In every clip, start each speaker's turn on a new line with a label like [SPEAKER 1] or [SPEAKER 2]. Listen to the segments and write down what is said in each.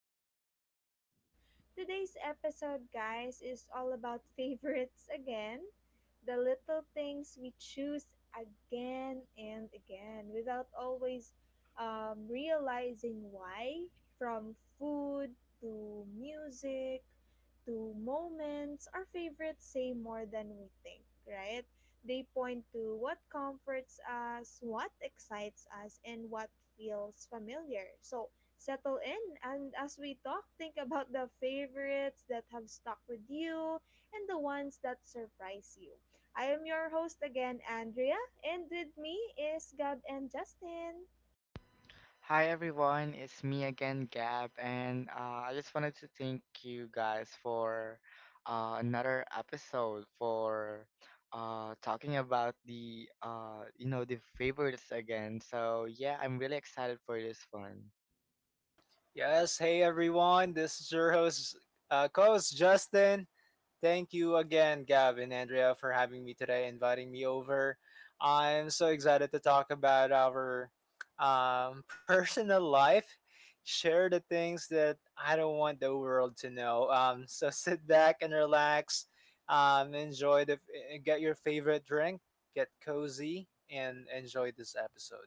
[SPEAKER 1] Pieces of Us. Today's episode, guys, is all about favorites again. The little things we choose again and again without always realizing why. From food to music to moments, our favorites say more than we think, right? They point to what comforts us, what excites us, and what feels familiar. So settle in, and as we talk, think about the favorites that have stuck with you and the ones that surprise you. I am your host again, Andrea, and with me is Gab and Justin.
[SPEAKER 2] Hi everyone, it's me again, Gab, and I just wanted to thank you guys for another episode for talking about the the favorites again. So yeah, I'm really excited for this one.
[SPEAKER 3] Yes, hey everyone. This is your host, co-host Justin. Thank you again, Gab and Andrea, for having me today, inviting me over. I'm so excited to talk about our personal life, share the things that I don't want the world to know. So sit back and relax, enjoy get your favorite drink, get cozy, and enjoy this episode.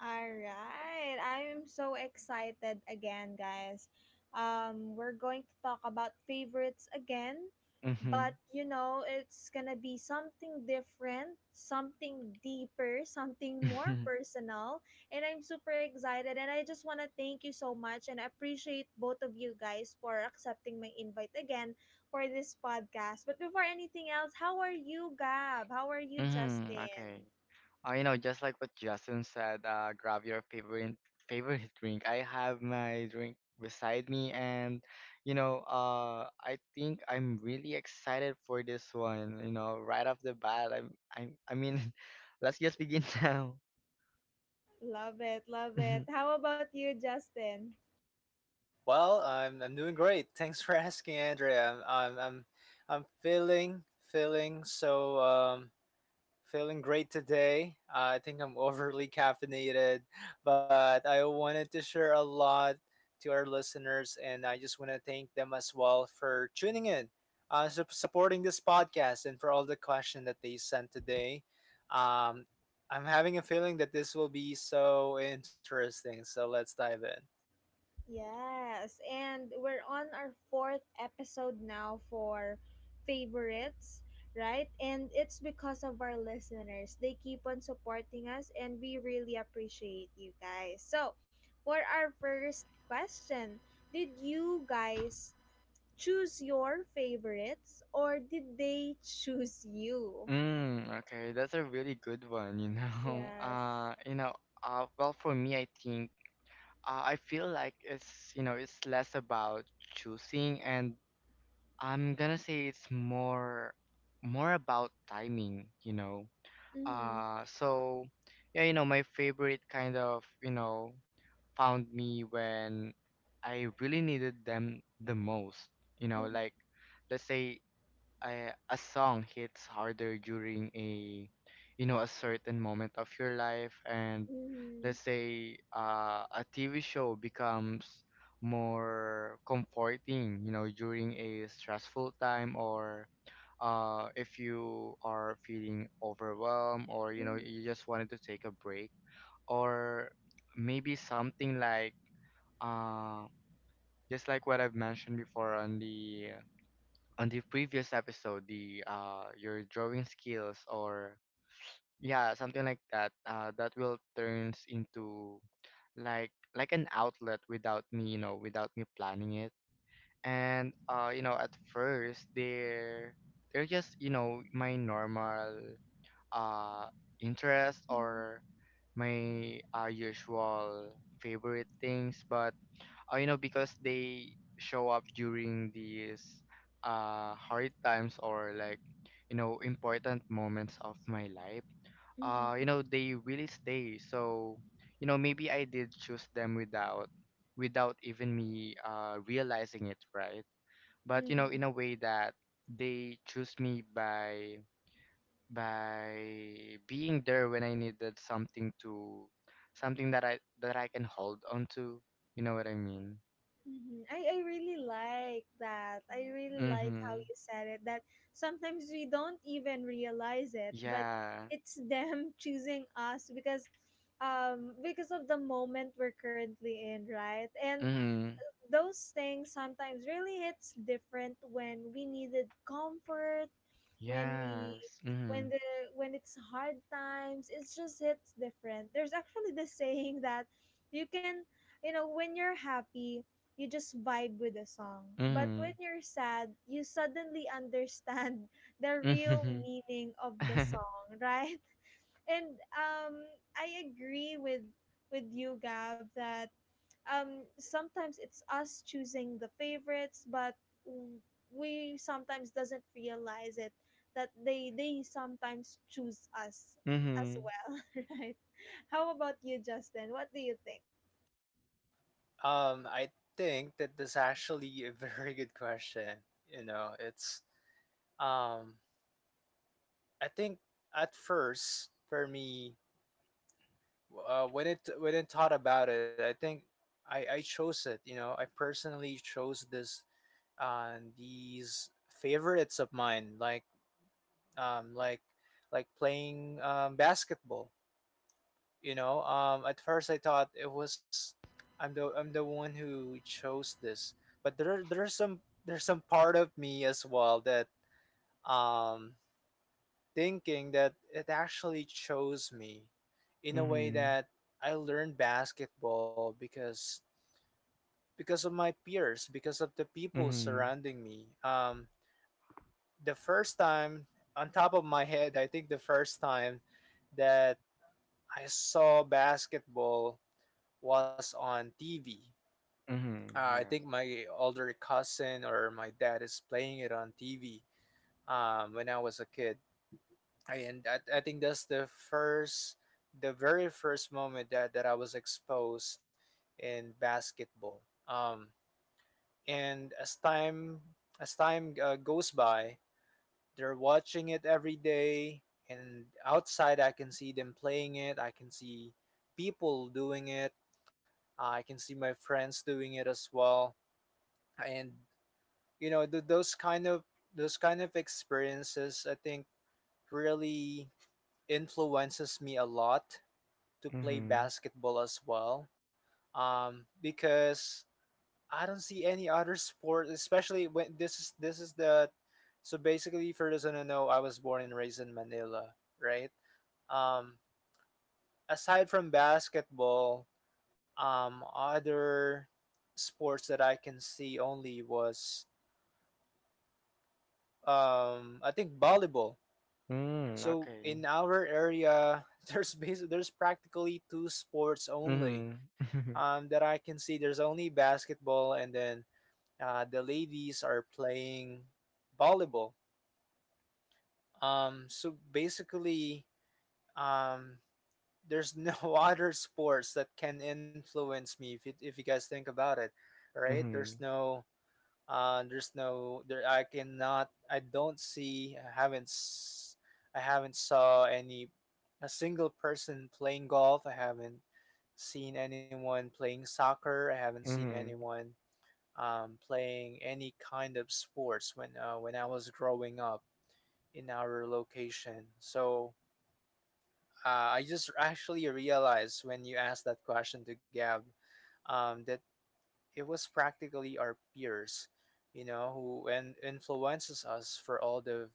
[SPEAKER 1] All right. I'm so excited again, guys. We're going to talk about favorites again,
[SPEAKER 2] Mhm.
[SPEAKER 1] but you know, it's gonna be something different, something deeper, something more personal. And I'm super excited. And I just want to thank you so much and appreciate both of you guys for accepting my invite again for this podcast. But before anything else, how are you, Gab? How are you,
[SPEAKER 2] Mhm. Okay.
[SPEAKER 1] Justin?
[SPEAKER 2] Just like what Justin said, grab your favorite drink. I have my drink beside me, and I think I'm really excited for this one. You know, right off the bat, I mean, let's just begin now.
[SPEAKER 1] Love it, love it. How about you, Justin?
[SPEAKER 3] Well, I'm doing great. Thanks for asking, Andrea. I'm feeling great today. I think I'm overly caffeinated, but I wanted to share a lot to our listeners, and I just want to thank them as well for tuning in, supporting this podcast, and for all the question that they sent today. Um, I'm having a feeling that this will be so interesting. So let's dive in.
[SPEAKER 1] Yes, and we're on our fourth episode now for favorites, right? And it's because of our listeners. They keep on supporting us, and we really appreciate you guys. So, for our first question, did you guys choose your favorites or did they choose you?
[SPEAKER 2] Mm, okay, that's a really good one, you know.
[SPEAKER 1] Yes.
[SPEAKER 2] Well, for me, I think I feel like it's, you know, it's less about choosing and I'm gonna say it's more about timing, you know.
[SPEAKER 1] Mm-hmm.
[SPEAKER 2] So yeah, you know, my favorite kind of, you know, found me when I really needed them the most, you know,
[SPEAKER 1] Mm-hmm.
[SPEAKER 2] like let's say a song hits harder during a you know a certain moment of your life and
[SPEAKER 1] Mm-hmm.
[SPEAKER 2] let's say a TV show becomes more comforting you know during a stressful time or if you are feeling overwhelmed or you know you just wanted to take a break or maybe something like uh, just like what I've mentioned before on the previous episode, the your drawing skills or yeah, something like that, that will turns into like an outlet without me, you know, without me planning it. And you know, at first they're just, you know, my normal uh interest
[SPEAKER 1] Mm-hmm.
[SPEAKER 2] or my usual favorite things, but you know, because they show up during these hard times or like you know important moments of my life. You
[SPEAKER 1] Mm-hmm.
[SPEAKER 2] know, they really stay. So, you know, maybe I did choose them without even me realizing it, right? But you know,
[SPEAKER 1] Mm-hmm.
[SPEAKER 2] in a way that they choose me by by being there when I needed something to something that I can hold on to. You know what I mean?
[SPEAKER 1] Mm-hmm. I really like that. I really like how
[SPEAKER 2] Mm-hmm.
[SPEAKER 1] you said it that sometimes we don't even realize it, but
[SPEAKER 2] Yeah.
[SPEAKER 1] it's them choosing us because of the moment we're currently in, right? And
[SPEAKER 2] Mm-hmm.
[SPEAKER 1] those things sometimes really hits different when we needed comfort when we
[SPEAKER 2] Yes.
[SPEAKER 1] when
[SPEAKER 2] Mm-hmm.
[SPEAKER 1] the when it's hard times it's just hits different. There's actually this saying that you can, you know, when you're happy you just vibe with the song, but
[SPEAKER 2] Mm-hmm.
[SPEAKER 1] when you're sad you suddenly understand the real
[SPEAKER 2] Mm-hmm.
[SPEAKER 1] meaning of the song, right? And I agree with you, Gab, that sometimes it's us choosing the favorites, but w- we sometimes doesn't realize it that they sometimes choose us as
[SPEAKER 2] Mm-hmm.
[SPEAKER 1] well, right? How about you, Justin? What do you think?
[SPEAKER 3] I think that that's actually a very good question. You know, it's um, I think at first for me, when it when I thought about it, I think I chose it. You know, I personally chose this these favorites of mine, like like playing basketball. You know, at first I thought it was I'm the one who chose this, but there's some part of me as well that um thinking that it actually chose me in a way
[SPEAKER 2] Mm-hmm.
[SPEAKER 3] that I learned basketball because of my peers, because of the people
[SPEAKER 2] Mm-hmm.
[SPEAKER 3] surrounding me. The first time on top of my head, I think the first time that I saw basketball was on TV.
[SPEAKER 2] Mm-hmm.
[SPEAKER 3] I
[SPEAKER 2] Yeah.
[SPEAKER 3] think my older cousin or my dad is playing it on TV when I was a kid. And I think that's the very first moment that I was exposed in basketball. Um, and as time goes by, they're watching it every day. And outside, I can see them playing it. I can see people doing it. I can see my friends doing it as well. And you know, those kind of experiences I think really influences me a lot to play
[SPEAKER 2] Mm-hmm.
[SPEAKER 3] basketball as well. Because I don't see any other sport, especially when this is the, so basically, for those who don't know, I was born and raised in Manila, right? um Aside from basketball, other sports that I can see only was, I think, volleyball.
[SPEAKER 2] Mm,
[SPEAKER 3] So
[SPEAKER 2] okay.
[SPEAKER 3] in our area, there's there's practically two sports only
[SPEAKER 2] Mm-hmm.
[SPEAKER 3] that I can see. There's only basketball, and then the ladies are playing volleyball. So basically, um, there's no other sports that can influence me. If you guys think about it, right?
[SPEAKER 2] Mm-hmm.
[SPEAKER 3] There's no there I cannot, I don't see, I haven't saw any a single person playing golf. I haven't seen anyone playing soccer. I haven't seen
[SPEAKER 2] Mm-hmm.
[SPEAKER 3] anyone playing any kind of sports when I was growing up in our location. So I just actually realized when you asked that question to Gab, that it was practically our peers, you know, who and influences us for all the,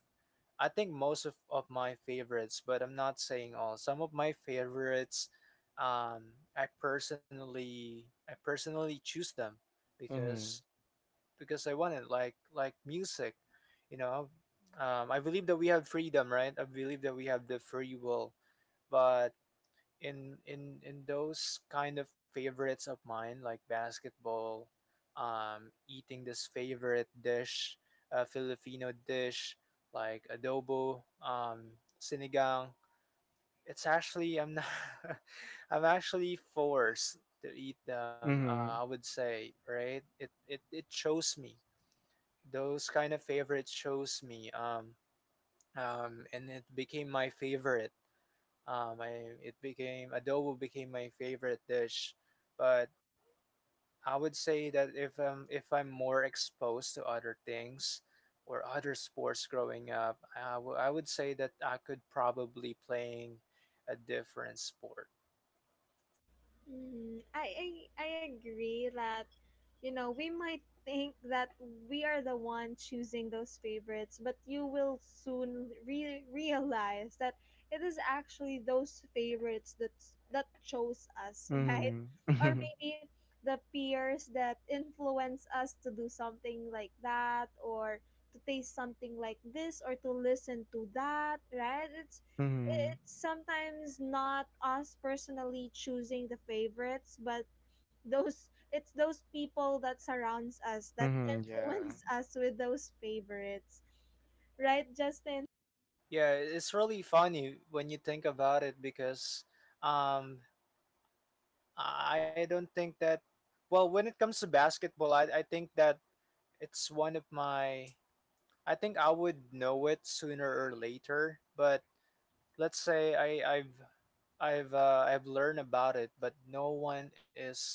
[SPEAKER 3] I think, most of my favorites, but I'm not saying all. Some of my favorites, um, I personally choose them because because I want it, like music, you know. I believe that we have freedom, right? I believe that we have the free will, but in those kind of favorites of mine, like basketball, eating this favorite dish, a Filipino dish like adobo, sinigang. It's actually, I'm not, I'm actually forced to eat them, I
[SPEAKER 2] Mm-hmm. Mm-hmm.
[SPEAKER 3] would say, right? It it chose me, those kind of favorites chose me. And it became my favorite. I It became, adobo became my favorite dish, but I would say that if I'm more exposed to other things or other sports growing up, I would say that I could probably playing a different sport.
[SPEAKER 1] Mm, I I agree that, you know, we might think that we are the one choosing those favorites, but you will soon realize that it is actually those favorites that chose us, right? Or
[SPEAKER 2] Mm-hmm.
[SPEAKER 1] maybe the peers that influence us to do something like that, or to taste something like this, or to listen to that, right? It's
[SPEAKER 2] Mm-hmm.
[SPEAKER 1] it's sometimes not us personally choosing the favorites, but those it's those people that surrounds us that
[SPEAKER 2] Mm-hmm. Yeah.
[SPEAKER 1] influence us with those favorites, right, Justin?
[SPEAKER 3] Yeah, it's really funny when you think about it, because um I don't think that, well, when it comes to basketball, I think that it's one of my, I think I would know it sooner or later, but let's say I've learned about it, but no one is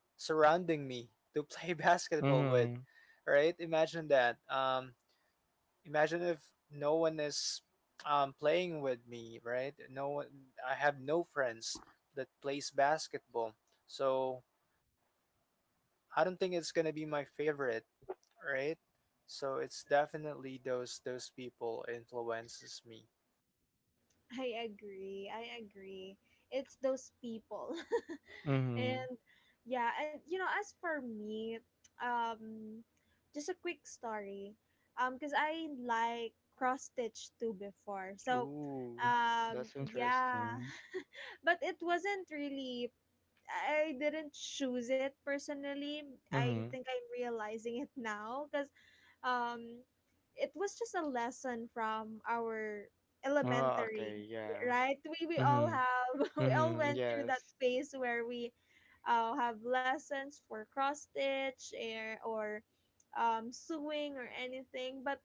[SPEAKER 3] surrounding me to play basketball with,
[SPEAKER 2] Mm-hmm.
[SPEAKER 3] right? Imagine that. Imagine if no one is playing with me, right? No one. I have no friends that plays basketball, so I don't think it's gonna be my favorite, right? So it's definitely those people influences me.
[SPEAKER 1] I agree, I agree. It's those people.
[SPEAKER 2] Mm-hmm.
[SPEAKER 1] And yeah, and you know, as for me, um, just a quick story, because I like cross stitch too before, so
[SPEAKER 2] Ooh, that's
[SPEAKER 1] yeah,
[SPEAKER 2] interesting.
[SPEAKER 1] but it wasn't really. I didn't choose it personally. I
[SPEAKER 2] Mm-hmm.
[SPEAKER 1] think I'm realizing it now because um it was just a lesson from our
[SPEAKER 2] Oh,
[SPEAKER 1] elementary,
[SPEAKER 2] okay, yeah.
[SPEAKER 1] right? We all
[SPEAKER 2] Mm-hmm.
[SPEAKER 1] have we all
[SPEAKER 2] Mm-hmm.
[SPEAKER 1] went through that
[SPEAKER 2] Yes.
[SPEAKER 1] phase where we have lessons for cross stitch or sewing or anything. But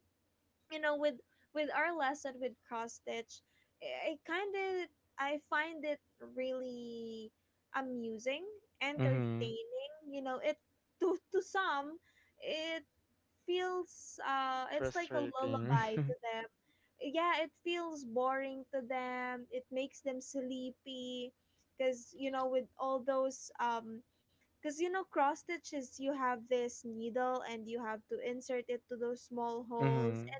[SPEAKER 1] you know, with our lesson with cross stitch, I kind of I find it really amusing,
[SPEAKER 2] Mm-hmm.
[SPEAKER 1] entertaining, you know. It, to some it feels it's like a
[SPEAKER 2] Frustrating.
[SPEAKER 1] lullaby to them. Yeah, it feels boring to them, it makes them sleepy, because you know with all those because you know cross stitches, you have this needle and you have to insert it to those small holes.
[SPEAKER 2] Mm-hmm.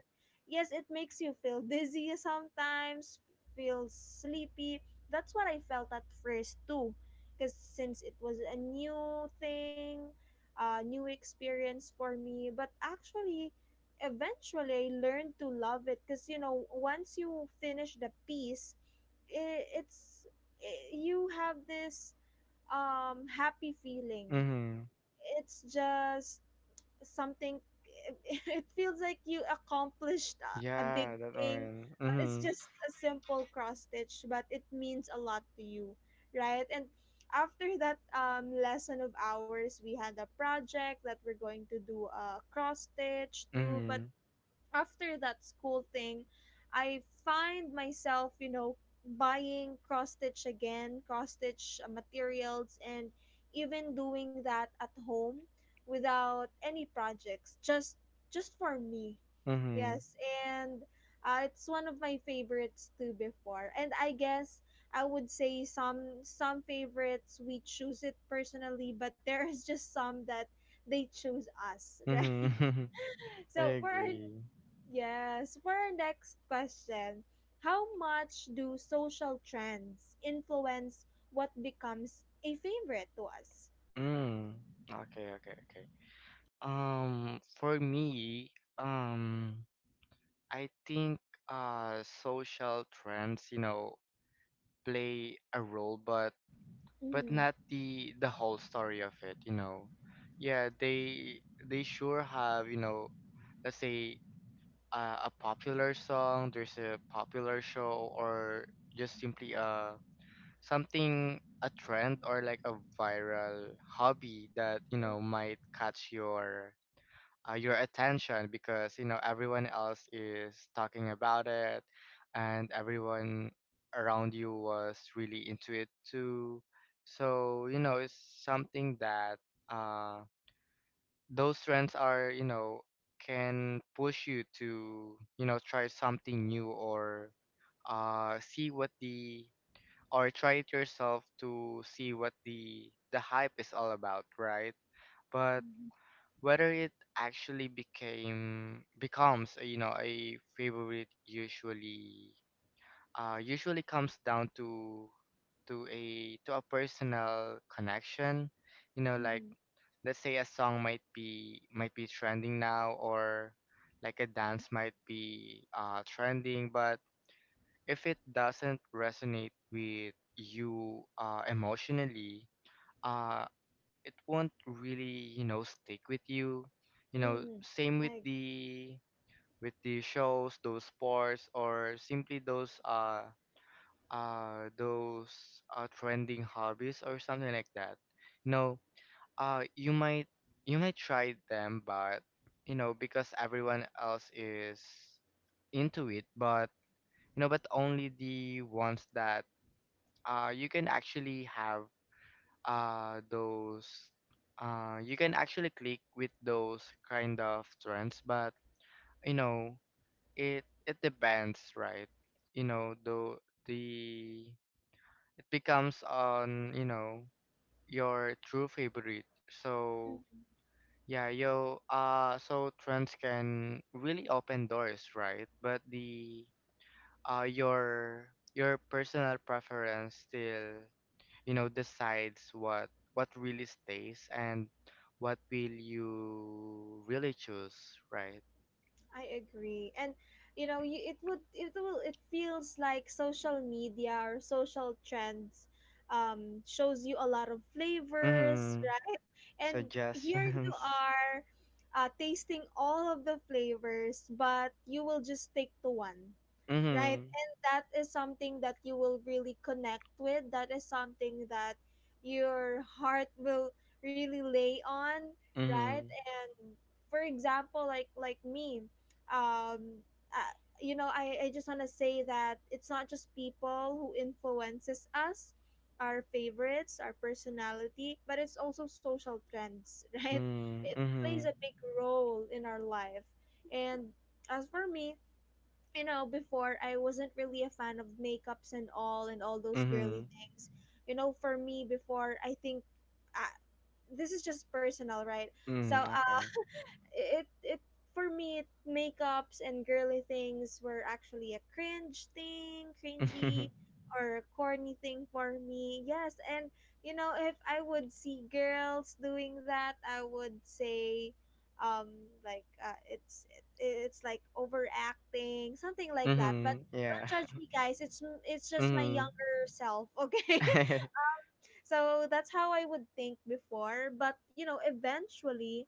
[SPEAKER 1] Yes, it makes you feel dizzy sometimes, feel sleepy. That's what I felt at first too, because since it was a new thing, a new experience for me. But actually, eventually, I learned to love it, because you know once you finish the piece, i it's I you have this happy feeling.
[SPEAKER 2] Mm-hmm.
[SPEAKER 1] It's just something, it feels like you accomplished a big
[SPEAKER 2] Yeah, that
[SPEAKER 1] thing,
[SPEAKER 2] one.
[SPEAKER 1] but it's
[SPEAKER 2] Mm-hmm.
[SPEAKER 1] just a simple cross stitch, but it means a lot to you, right? And after that lesson of ours, we had a project that we're going to do a cross stitch too. But
[SPEAKER 2] Mm-hmm.
[SPEAKER 1] after that school thing, I find myself, you know, buying cross stitch again, cross stitch materials, and even doing that at home without any projects, just for me.
[SPEAKER 2] Mm-hmm.
[SPEAKER 1] Yes, and it's one of my favorites too before. And I guess I would say some favorites we choose it personally, but there is just some that they choose us, right?
[SPEAKER 2] Mm-hmm. I
[SPEAKER 1] So for our
[SPEAKER 2] agree.
[SPEAKER 1] Yes, for our next question, how much do social trends influence what becomes a favorite to us?
[SPEAKER 2] Mm. Okay, okay, okay. For me, um, I think social trends, you know, play a role, but not
[SPEAKER 1] Mm-hmm.
[SPEAKER 2] the the whole story of it, you know. Yeah, they sure have, you know, let's say a popular song, there's a popular show, or just simply something a trend or like a viral hobby that you know might catch your attention because you know everyone else is talking about it and everyone around you was really into it too so you know it's something that uh those trends are you know can push you to you know try something new or see what the or try it yourself to see what the hype is all about right but
[SPEAKER 1] Mm-hmm.
[SPEAKER 2] whether it actually became becomes a, you know a favorite usually usually comes down to a personal connection you know like
[SPEAKER 1] Mm-hmm.
[SPEAKER 2] let's say a song might be trending now or like a dance might be trending but if it doesn't resonate with you emotionally, uh, it won't really you know stick with you you know
[SPEAKER 1] Mm-hmm.
[SPEAKER 2] same
[SPEAKER 1] I agree.
[SPEAKER 2] with the shows those sports or simply those trending hobbies or something like that you know uh, you might you might try them, but you know because everyone else is into it, but you know, but only the ones that you can actually have those you can actually click with those kind of trends, but you know it it depends, right? You know the it becomes on you know your true favorite. So
[SPEAKER 1] Mm-hmm.
[SPEAKER 2] yeah, so trends can really open doors, right? But the uh your your personal preference still, you know, decides what really stays and what will you really choose, right?
[SPEAKER 1] I agree. And you know, you, it would it will it feels like social media or social trends shows you a lot of flavors,
[SPEAKER 2] Mm-hmm.
[SPEAKER 1] right? And here you
[SPEAKER 2] Suggestions.
[SPEAKER 1] are tasting all of the flavors, but you will just stick to one. Right?
[SPEAKER 2] Mm-hmm.
[SPEAKER 1] And that is something that you will really connect with. That is something that your heart will really lay on, right? And for example, like me, um uh, you know, I just want to say that it's not just people who influences us, our favorites, our personality, but it's also social trends, right?
[SPEAKER 2] Mm-hmm.
[SPEAKER 1] It plays
[SPEAKER 2] Mm-hmm.
[SPEAKER 1] a big role in our life. And as for me, you know, before I wasn't really a fan of makeups and all those
[SPEAKER 2] Mm-hmm.
[SPEAKER 1] girly things. You know, for me before, I think I, this is just personal, right? So
[SPEAKER 2] Mm-hmm. Mm, okay.
[SPEAKER 1] it for me it, makeups and girly things were actually a cringe thing, cringy or corny thing for me. Yes, and you know if I would see girls doing that, I would say um like it's it, it's like overacting, something like that. But
[SPEAKER 2] Mm-hmm.
[SPEAKER 1] don't
[SPEAKER 2] Yeah.
[SPEAKER 1] judge me guys, it's just my
[SPEAKER 2] Mm-hmm.
[SPEAKER 1] younger self, okay?
[SPEAKER 2] Mm-hmm.
[SPEAKER 1] So that's how I would think before. But you know, eventually,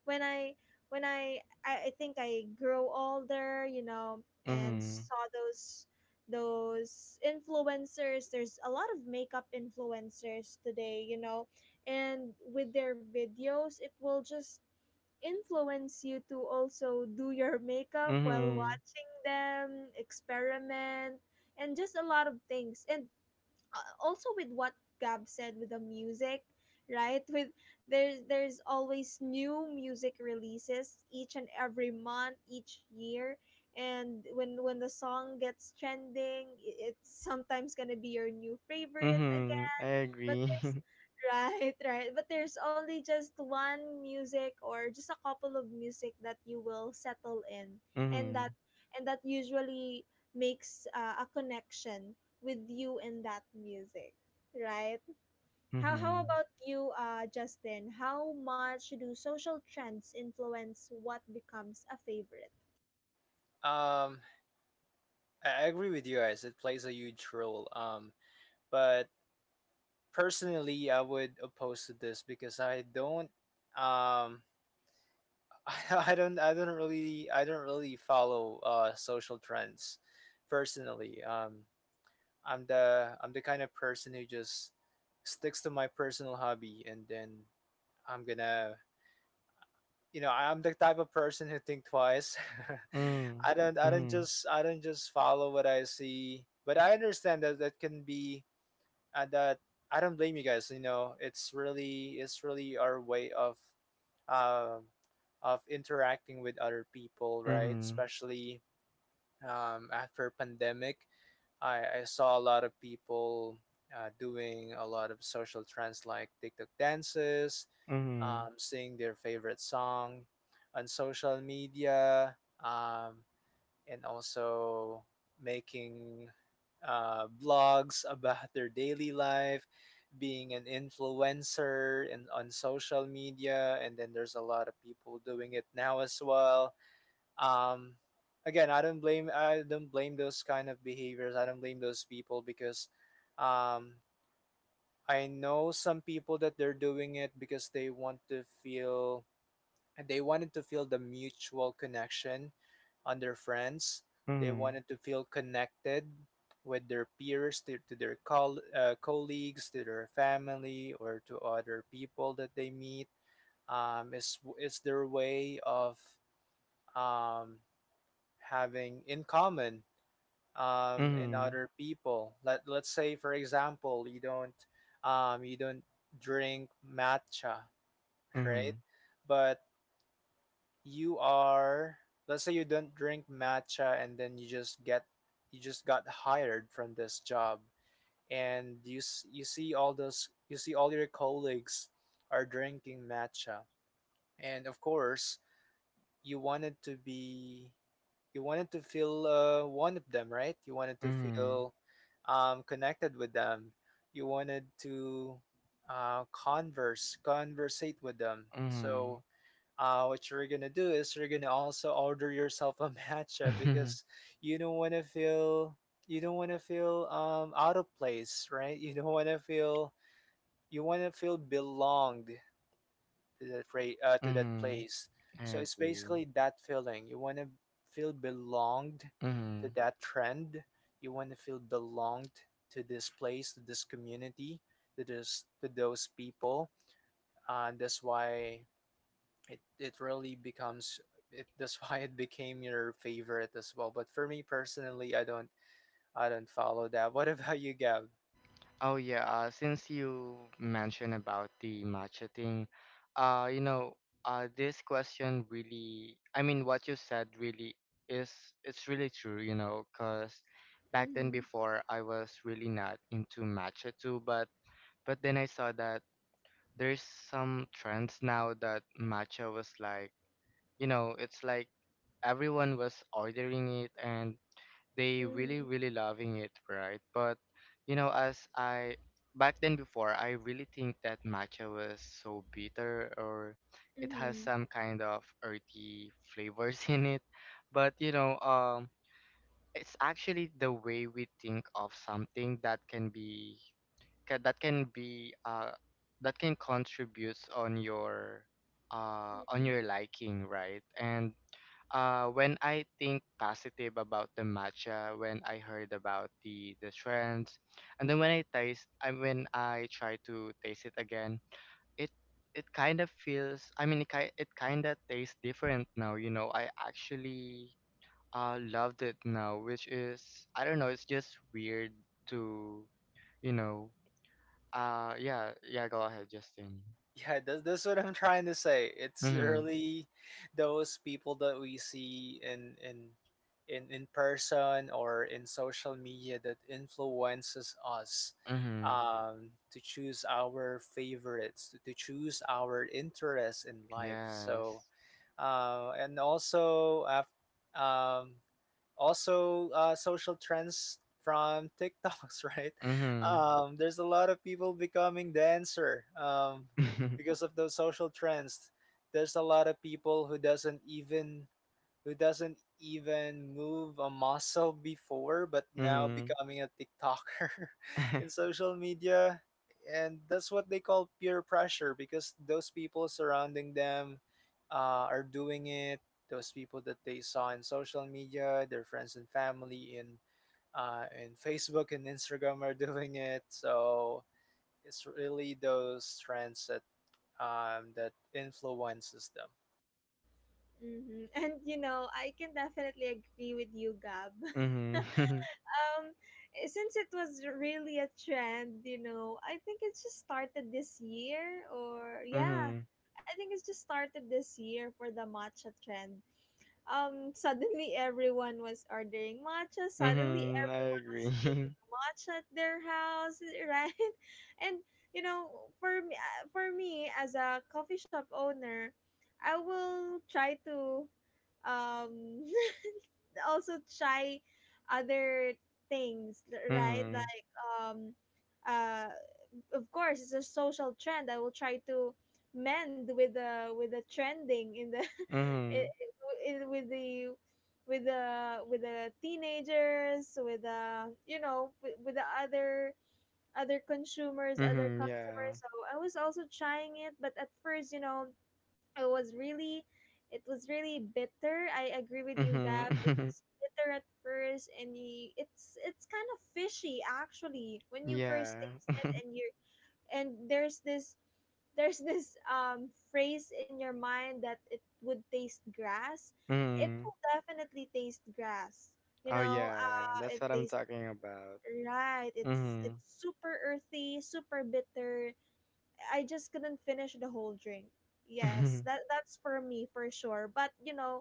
[SPEAKER 1] when I when I think I grow older, you know, and saw those influencers, there's a lot of makeup influencers today, you know, and with their videos it will just influence you to also do your makeup while
[SPEAKER 2] Mm-hmm.
[SPEAKER 1] watching them experiment and just a lot of things. And also with what Gab said with the music, right? With there's always new music releases each and every month, each year. And when the song gets trending, it's sometimes gonna be your new favorite,
[SPEAKER 2] Mhm, I
[SPEAKER 1] but
[SPEAKER 2] agree.
[SPEAKER 1] there's right, right, but there's only just one music or just a couple of music that you will settle in, and that
[SPEAKER 2] Mhm,
[SPEAKER 1] and that usually makes a connection with you and that music, right? How
[SPEAKER 2] mhm,
[SPEAKER 1] about you, Justin? How much do social trends influence what becomes a favorite?
[SPEAKER 3] Um, I agree with you guys. It plays a huge role. But personally, I would oppose to this, because I don't. Um, I don't. I don't really. I don't really follow social trends, personally. I'm the kind of person who just sticks to my personal hobby, and then I'm gonna, you know, I'm the type of person who think twice.
[SPEAKER 2] mm,
[SPEAKER 3] I Mm-hmm. don't I don't
[SPEAKER 2] mhm,
[SPEAKER 3] just I don't just follow what I see, but I understand that that can be, that I don't blame you guys. You know, it's really, it's really our way um of interacting with other people, right?
[SPEAKER 2] mhm,
[SPEAKER 3] Especially after pandemic, I saw a lot of people doing a lot of social trends, like TikTok dances,
[SPEAKER 2] mhm,
[SPEAKER 3] sing their favorite song on social media, um, and also making blogs about their daily life, being an influencer and on social media, and then there's a lot of people doing it now as well. Um, again, I don't blame those kind of behaviors. I don't blame those people, because um, I know some people that they're doing it because they wanted to feel the mutual connection on their friends. They
[SPEAKER 2] mhm,
[SPEAKER 3] wanted to feel connected with their peers, to their colleagues, to their family, or to other people that they meet. It's their way of um, having in common in
[SPEAKER 2] mhm,
[SPEAKER 3] other people. Let's say, for example, you don't drink matcha, right?
[SPEAKER 2] mhm,
[SPEAKER 3] But you are, let's say you don't drink matcha, and then you just got hired from this job, and you see all those you see all your colleagues are drinking matcha, and of course you wanted to be you wanted to feel one of them, right? You wanted to
[SPEAKER 2] mhm,
[SPEAKER 3] feel connected with them. You wanted to converse conversate with them. So
[SPEAKER 2] mhm,
[SPEAKER 3] what you're gonna do is you're gonna also order yourself a matcha,
[SPEAKER 2] mhm,
[SPEAKER 3] because you don't want to feel you don't want to feel out of place, right? You don't want to feel, you want to feel belonged to to that place.
[SPEAKER 2] I
[SPEAKER 3] So it's
[SPEAKER 2] agree.
[SPEAKER 3] basically that feeling. You want to feel belonged to
[SPEAKER 2] Mhm.
[SPEAKER 3] that trend. You want to feel belonged to this place, to this community, to this to those people. That's why it really becomes it that's why it became your favorite as well. But for me personally, I don't, I don't follow that. What about you, Gab?
[SPEAKER 2] Oh yeah, since you mentioned about the matcha thing, uh, you know, this question really, I mean, what you said really is, it's really true, you know, because back then
[SPEAKER 1] Mm-hmm.
[SPEAKER 2] before I was really not into matcha too, but then I saw that there's some trends now that matcha was like, you know, it's like everyone was ordering it and they really
[SPEAKER 1] Mm-hmm.
[SPEAKER 2] really loving it right but you know as I back then before I really think that matcha was so bitter or it has
[SPEAKER 1] Mm-hmm.
[SPEAKER 2] some kind of earthy flavors in it but it's actually the way we think of something that that can be that can contribute on your liking right and when I think positive about the matcha, when I heard about the trends, and then when I taste, I when I try to taste it again, it it kind of feels. I mean, it kind of tastes different now. You know, I actually loved it now, which is I don't know. It's just weird to, you know. Yeah, yeah. Go ahead, Justin.
[SPEAKER 3] Yeah, that's what I'm trying to say. It's
[SPEAKER 2] Mhm.
[SPEAKER 3] really, those people that we see in in in person or in social media that influences us
[SPEAKER 2] Mhm.
[SPEAKER 3] to choose our favorites, to choose our interests in life. So
[SPEAKER 2] Yes.
[SPEAKER 3] uh and also af- um also, social trends from TikToks, right?
[SPEAKER 2] Mhm.
[SPEAKER 3] There's a lot of people becoming dancer, because of those social trends. There's a lot of people who doesn't even, who doesn't even move a muscle before, but now
[SPEAKER 2] Mhm.
[SPEAKER 3] becoming a TikToker in social media. And that's what they call peer pressure, because those people surrounding them are doing it. Those people that they saw in social media, their friends and family in Facebook and Instagram are doing it. So it's really those trends that that influences them.
[SPEAKER 1] Mm-hmm. And you know, I can definitely agree with you, Gab.
[SPEAKER 2] Mhm.
[SPEAKER 1] um since it was really a trend, you know, I think it just started this year or yeah,
[SPEAKER 2] Mhm.
[SPEAKER 1] I think it's just started this year for the matcha trend. Suddenly everyone was ordering matcha, suddenly
[SPEAKER 2] Mhm. I
[SPEAKER 1] everyone
[SPEAKER 2] agree.
[SPEAKER 1] was making matcha at their house, right? And you know, for me as a coffee shop owner, I will try to um also try other things, right?
[SPEAKER 2] Mhm.
[SPEAKER 1] Like um uh of course it's a social trend. I will try to mend with the trending in the i-
[SPEAKER 2] Mhm.
[SPEAKER 1] i- with the with the teenagers, with the you know with the other other consumers, other
[SPEAKER 2] Mhm.
[SPEAKER 1] customers.
[SPEAKER 2] Yeah.
[SPEAKER 1] So I was also trying it, but at first you know it was really it was really bitter. I agree with you,
[SPEAKER 2] Mhm.
[SPEAKER 1] Gab, it was bitter at first, and you, it's kind of fishy actually when you first
[SPEAKER 2] Yeah.
[SPEAKER 1] taste it. And you and there's this phrase in your mind that it would taste grass, it
[SPEAKER 2] Mhm.
[SPEAKER 1] will definitely taste grass, you
[SPEAKER 2] Oh
[SPEAKER 1] know.
[SPEAKER 2] yeah, that's
[SPEAKER 1] It
[SPEAKER 2] what I'm
[SPEAKER 1] tastes
[SPEAKER 2] talking about.
[SPEAKER 1] right,
[SPEAKER 2] Mhm.
[SPEAKER 1] it's super earthy, super bitter. I just couldn't finish the whole drink. Yes,
[SPEAKER 2] Mhm.
[SPEAKER 1] that that's for me for sure. But you know,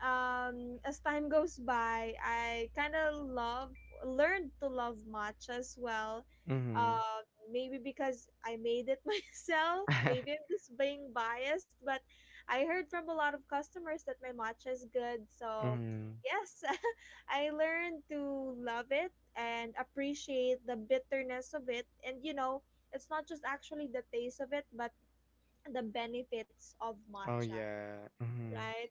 [SPEAKER 1] as time goes by, I kind of love learned to love matcha as well.
[SPEAKER 2] Mhm.
[SPEAKER 1] Uh, maybe because I made it myself. Maybe I'm just being biased, but I heard from a lot of customers that my matcha is good. So
[SPEAKER 2] Mhm.
[SPEAKER 1] yes, I learned to love it and appreciate the bitterness of it. And you know, it's not just actually the taste of it, but the benefits of
[SPEAKER 2] Oh
[SPEAKER 1] matcha,
[SPEAKER 2] yeah. Mhm.
[SPEAKER 1] right?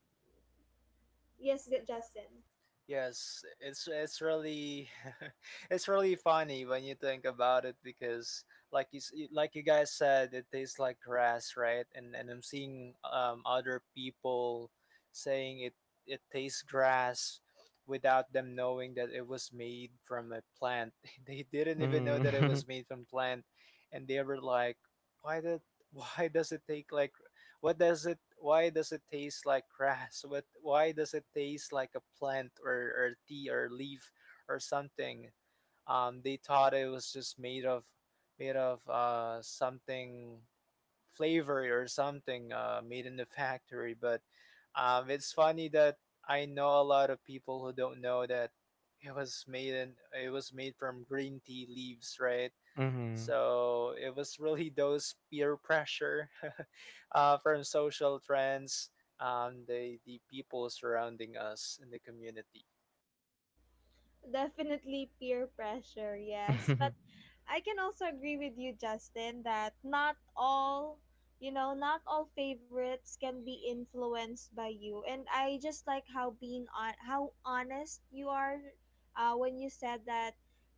[SPEAKER 1] Yes, good, Justin.
[SPEAKER 3] Yes, it's really it's really funny when you think about it, because like you guys said it tastes like grass, right? And I'm seeing other people saying it it tastes grass without them knowing that it was made from a plant. They didn't even know that it
[SPEAKER 2] Mhm.
[SPEAKER 3] was made from plant, and they were like, why did, why does it take like, what does it? Why does it taste like grass? What? Why does it taste like a plant or tea or leaf or something? They thought it was just made of something flavory or something made in the factory. But it's funny that I know a lot of people who don't know that it was made from green tea leaves, right?
[SPEAKER 2] Mhm.
[SPEAKER 3] So it was really those peer pressure from social trends, the people surrounding us in the community.
[SPEAKER 1] Definitely peer pressure, yes, but I can also agree with you, Justin, that not all favorites can be influenced by you. And I just like how being on how honest you are when you said that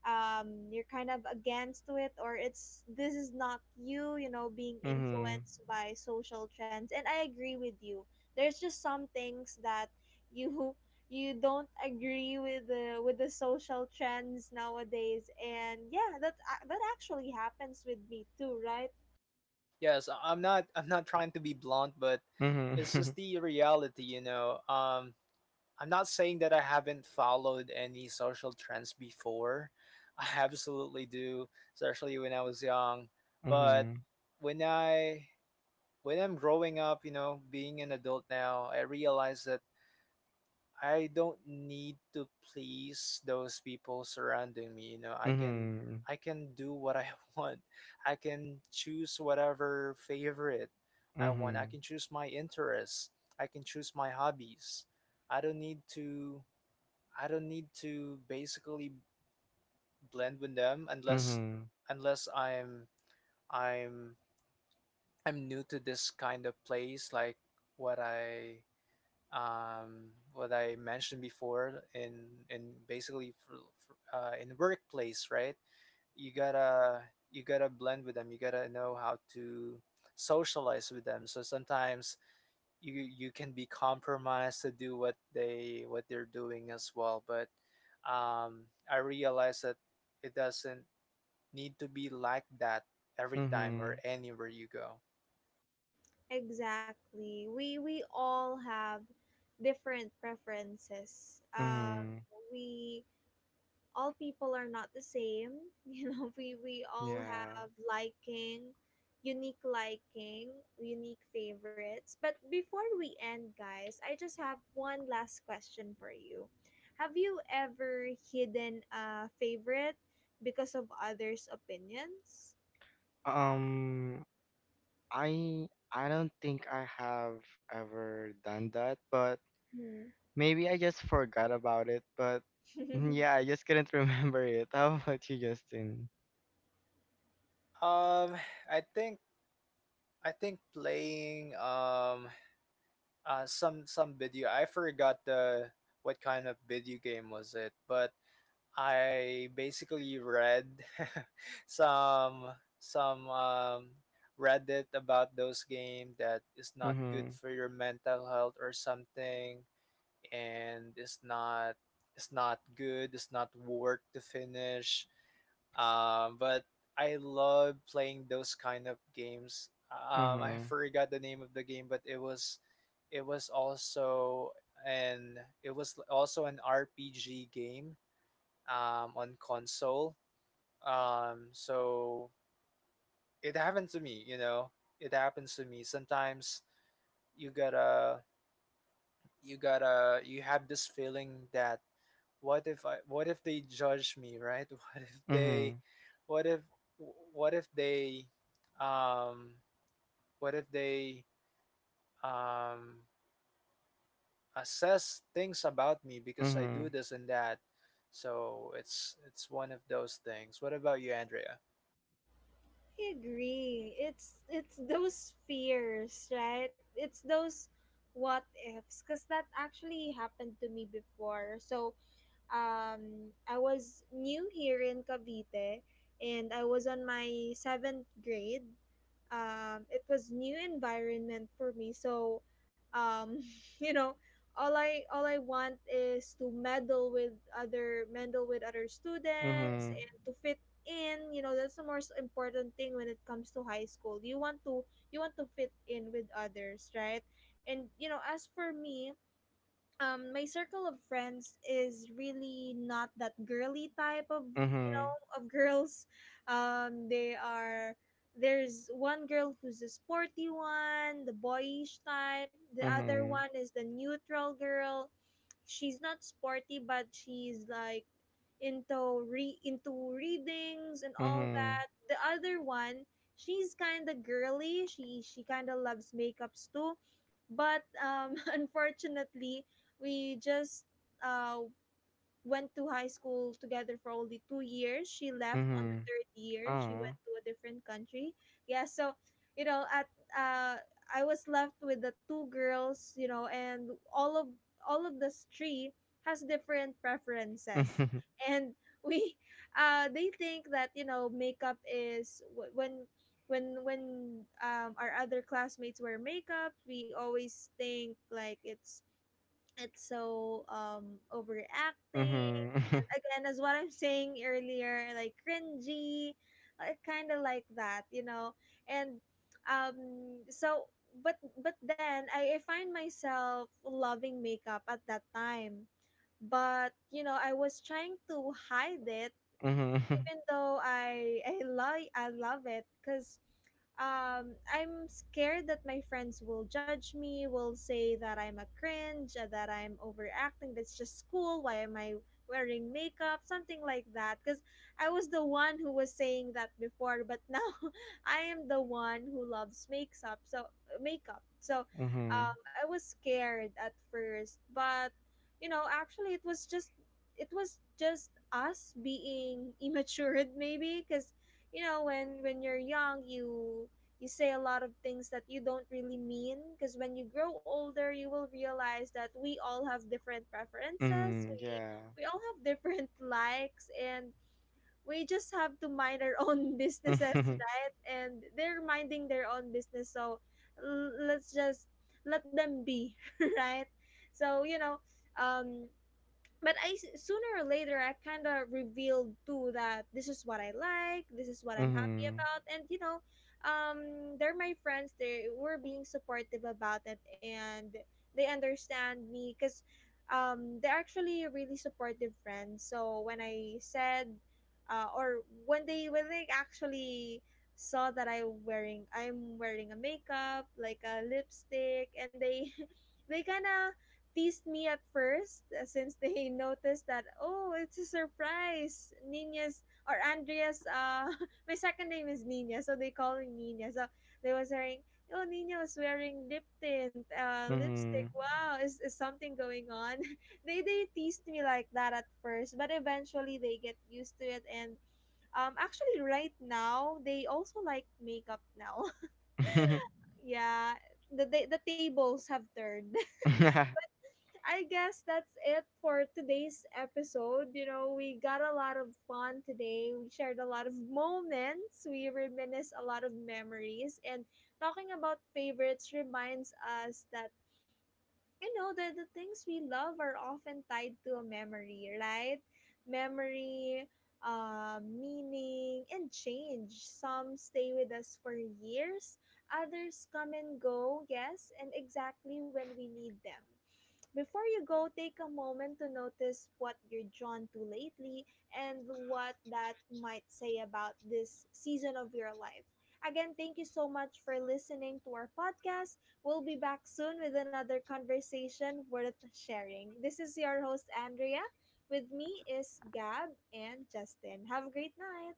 [SPEAKER 1] you're kind of against it, or it's this is not you you know being
[SPEAKER 2] Mhm.
[SPEAKER 1] influenced by social trends, and I agree with you. There's just some things that you you don't agree with the social trends nowadays, and yeah, that actually happens with me too, right?
[SPEAKER 3] Yes, I'm not, I'm not trying to be blunt, but
[SPEAKER 2] Mhm.
[SPEAKER 3] it's just the reality, you know. I'm not saying that I haven't followed any social trends before. I absolutely do, especially when I was young. But
[SPEAKER 2] Mhm.
[SPEAKER 3] when I, when I'm growing up, you know, being an adult now, I realize that I don't need to please those people surrounding me. You know,
[SPEAKER 2] Mhm.
[SPEAKER 3] I can do what I want. I can choose whatever favorite I want. I
[SPEAKER 2] Mhm.
[SPEAKER 3] can choose my interests. I can choose my hobbies. I don't need to I don't need to basically blend with them,
[SPEAKER 2] Mhm. Mhm.
[SPEAKER 3] unless I'm, I'm I'm new to this kind of place, like what I what I mentioned before in basically for, in the workplace, right? You gotta you gotta blend with them. You gotta know how to socialize with them. So sometimes you can be compromised to do what they, what they're doing as well. But I realize that it doesn't need to be like that every time or
[SPEAKER 2] Mhm.
[SPEAKER 3] anywhere you go.
[SPEAKER 1] Exactly, we all have different preferences.
[SPEAKER 2] Mhm.
[SPEAKER 1] We All people are not the same. You know, we all
[SPEAKER 2] Yeah.
[SPEAKER 1] have liking, unique favorites. But before we end, guys, I just have one last question for you. Have you ever hidden a favorite because of others' opinions?
[SPEAKER 2] Um. I don't think I have ever done that, but
[SPEAKER 1] Hmm.
[SPEAKER 2] maybe I just forgot about it. But mm, yeah, I just couldn't remember it. How about you, Justin?
[SPEAKER 3] Um, I think, I think playing some video, I forgot the what kind of video game was it, but I basically read some some Reddit about those game that is not good
[SPEAKER 2] Mhm.
[SPEAKER 3] for your mental health or something, and it's not good. It's not worth to finish. But I love playing those kind of games. I
[SPEAKER 2] Mhm.
[SPEAKER 3] forgot the name of the game, but it was also an, it was also an RPG game on console. So it happened to me, you know. It happens to me sometimes. You gotta, you gotta, you have this feeling that, what if I, what if they judge me, right? What if they,
[SPEAKER 2] Mhm.
[SPEAKER 3] what if, what if they um what if they um assess things about me because I do
[SPEAKER 2] Mhm.
[SPEAKER 3] this and that. So it's one of those things. What about you, Andrea?
[SPEAKER 1] I agree. It's those fears, right? It's those what ifs, cuz that actually happened to me before. So, I was new here in Cavite, and I was on my seventh grade. It was new environment for me. So, um, you know, all I want is to meddle with other students
[SPEAKER 2] Mhm.
[SPEAKER 1] and to fit in. You know, that's the most important thing when it comes to high school. You want to fit in with others, right? And you know, as for me, my circle of friends is really not that girly type of you know
[SPEAKER 2] Mhm.
[SPEAKER 1] of girls. They are, there's one girl who's the sporty one, the boyish type, the other
[SPEAKER 2] Mhm.
[SPEAKER 1] one is the neutral girl. She's not sporty, but she's like into readings and all
[SPEAKER 2] Mhm.
[SPEAKER 1] that. The other one, she's kind of girly, she kind of loves makeups too. But unfortunately, we just uh, went to high school together for only 2 years. She left on the
[SPEAKER 2] Mhm.
[SPEAKER 1] third year. She went
[SPEAKER 2] Ah.
[SPEAKER 1] to a different country. Yeah, so you know, at uh, I was left with the two girls. You know, and all of this three has different preferences,
[SPEAKER 2] Mhm.
[SPEAKER 1] and we they think that, you know, when our other classmates wear makeup, we always think like it's it's so overacting,
[SPEAKER 2] Mhm.
[SPEAKER 1] and again, as what I'm saying earlier, like cringy, kind of like that, you know. And so, but but then I find myself loving makeup at that time, but you know, I was trying to hide it,
[SPEAKER 2] Mhm.
[SPEAKER 1] even though I I love it, because I'm scared that my friends will judge me, will say that I'm a cringe, that I'm overacting, that's just school, why am I wearing makeup, something like that. Because I was the one who was saying that before, but now I am the one who loves makes up, so makeup. So
[SPEAKER 2] Mhm.
[SPEAKER 1] I was scared at first, but you know, actually, it was just us being immature, maybe, because you know, when you're young, you say a lot of things that you don't really mean, because when you grow older, you will realize that we all have different preferences.
[SPEAKER 2] Mhm.
[SPEAKER 1] We
[SPEAKER 2] Yeah.
[SPEAKER 1] we all have different likes, and we just have to mind our own businesses, right? And they're minding their own business, so let's just let them be. Right. So you know, um but sooner or later, I kind of revealed too that this is what I like, this is what I'm happy
[SPEAKER 2] Mhm.
[SPEAKER 1] about. And you know, they're my friends. They were being supportive about it, and they understand me because they're actually really supportive friends. So when I said, or when they actually saw that I'm wearing a makeup, like a lipstick, and they they kind of teased me at first, since they noticed that, oh, it's a surprise, Nina's or Andrea's, my second name is Nina, so they call me Nina. So they was saying, oh, Nina was wearing lip tint, lipstick,
[SPEAKER 2] Mhm.
[SPEAKER 1] wow, is something going on? They teased me like that at first, but eventually they get used to it. And actually right now, they also like makeup now.
[SPEAKER 2] Mhm.
[SPEAKER 1] Yeah. The the tables have turned. I guess that's it for today's episode. You know, we got a lot of fun today. We shared a lot of moments. We reminisce a lot of memories. And talking about favorites reminds us that, you know, that the things we love are often tied to a memory, right? Memory, meaning, and change. Some stay with us for years, others come and go, yes, and exactly when we need them. Before you go, take a moment to notice what you're drawn to lately and what that might say about this season of your life. Again, thank you so much for listening to our podcast. We'll be back soon with another conversation worth sharing. This is your host, Andrea. With me is Gab and Justin. Have a great night.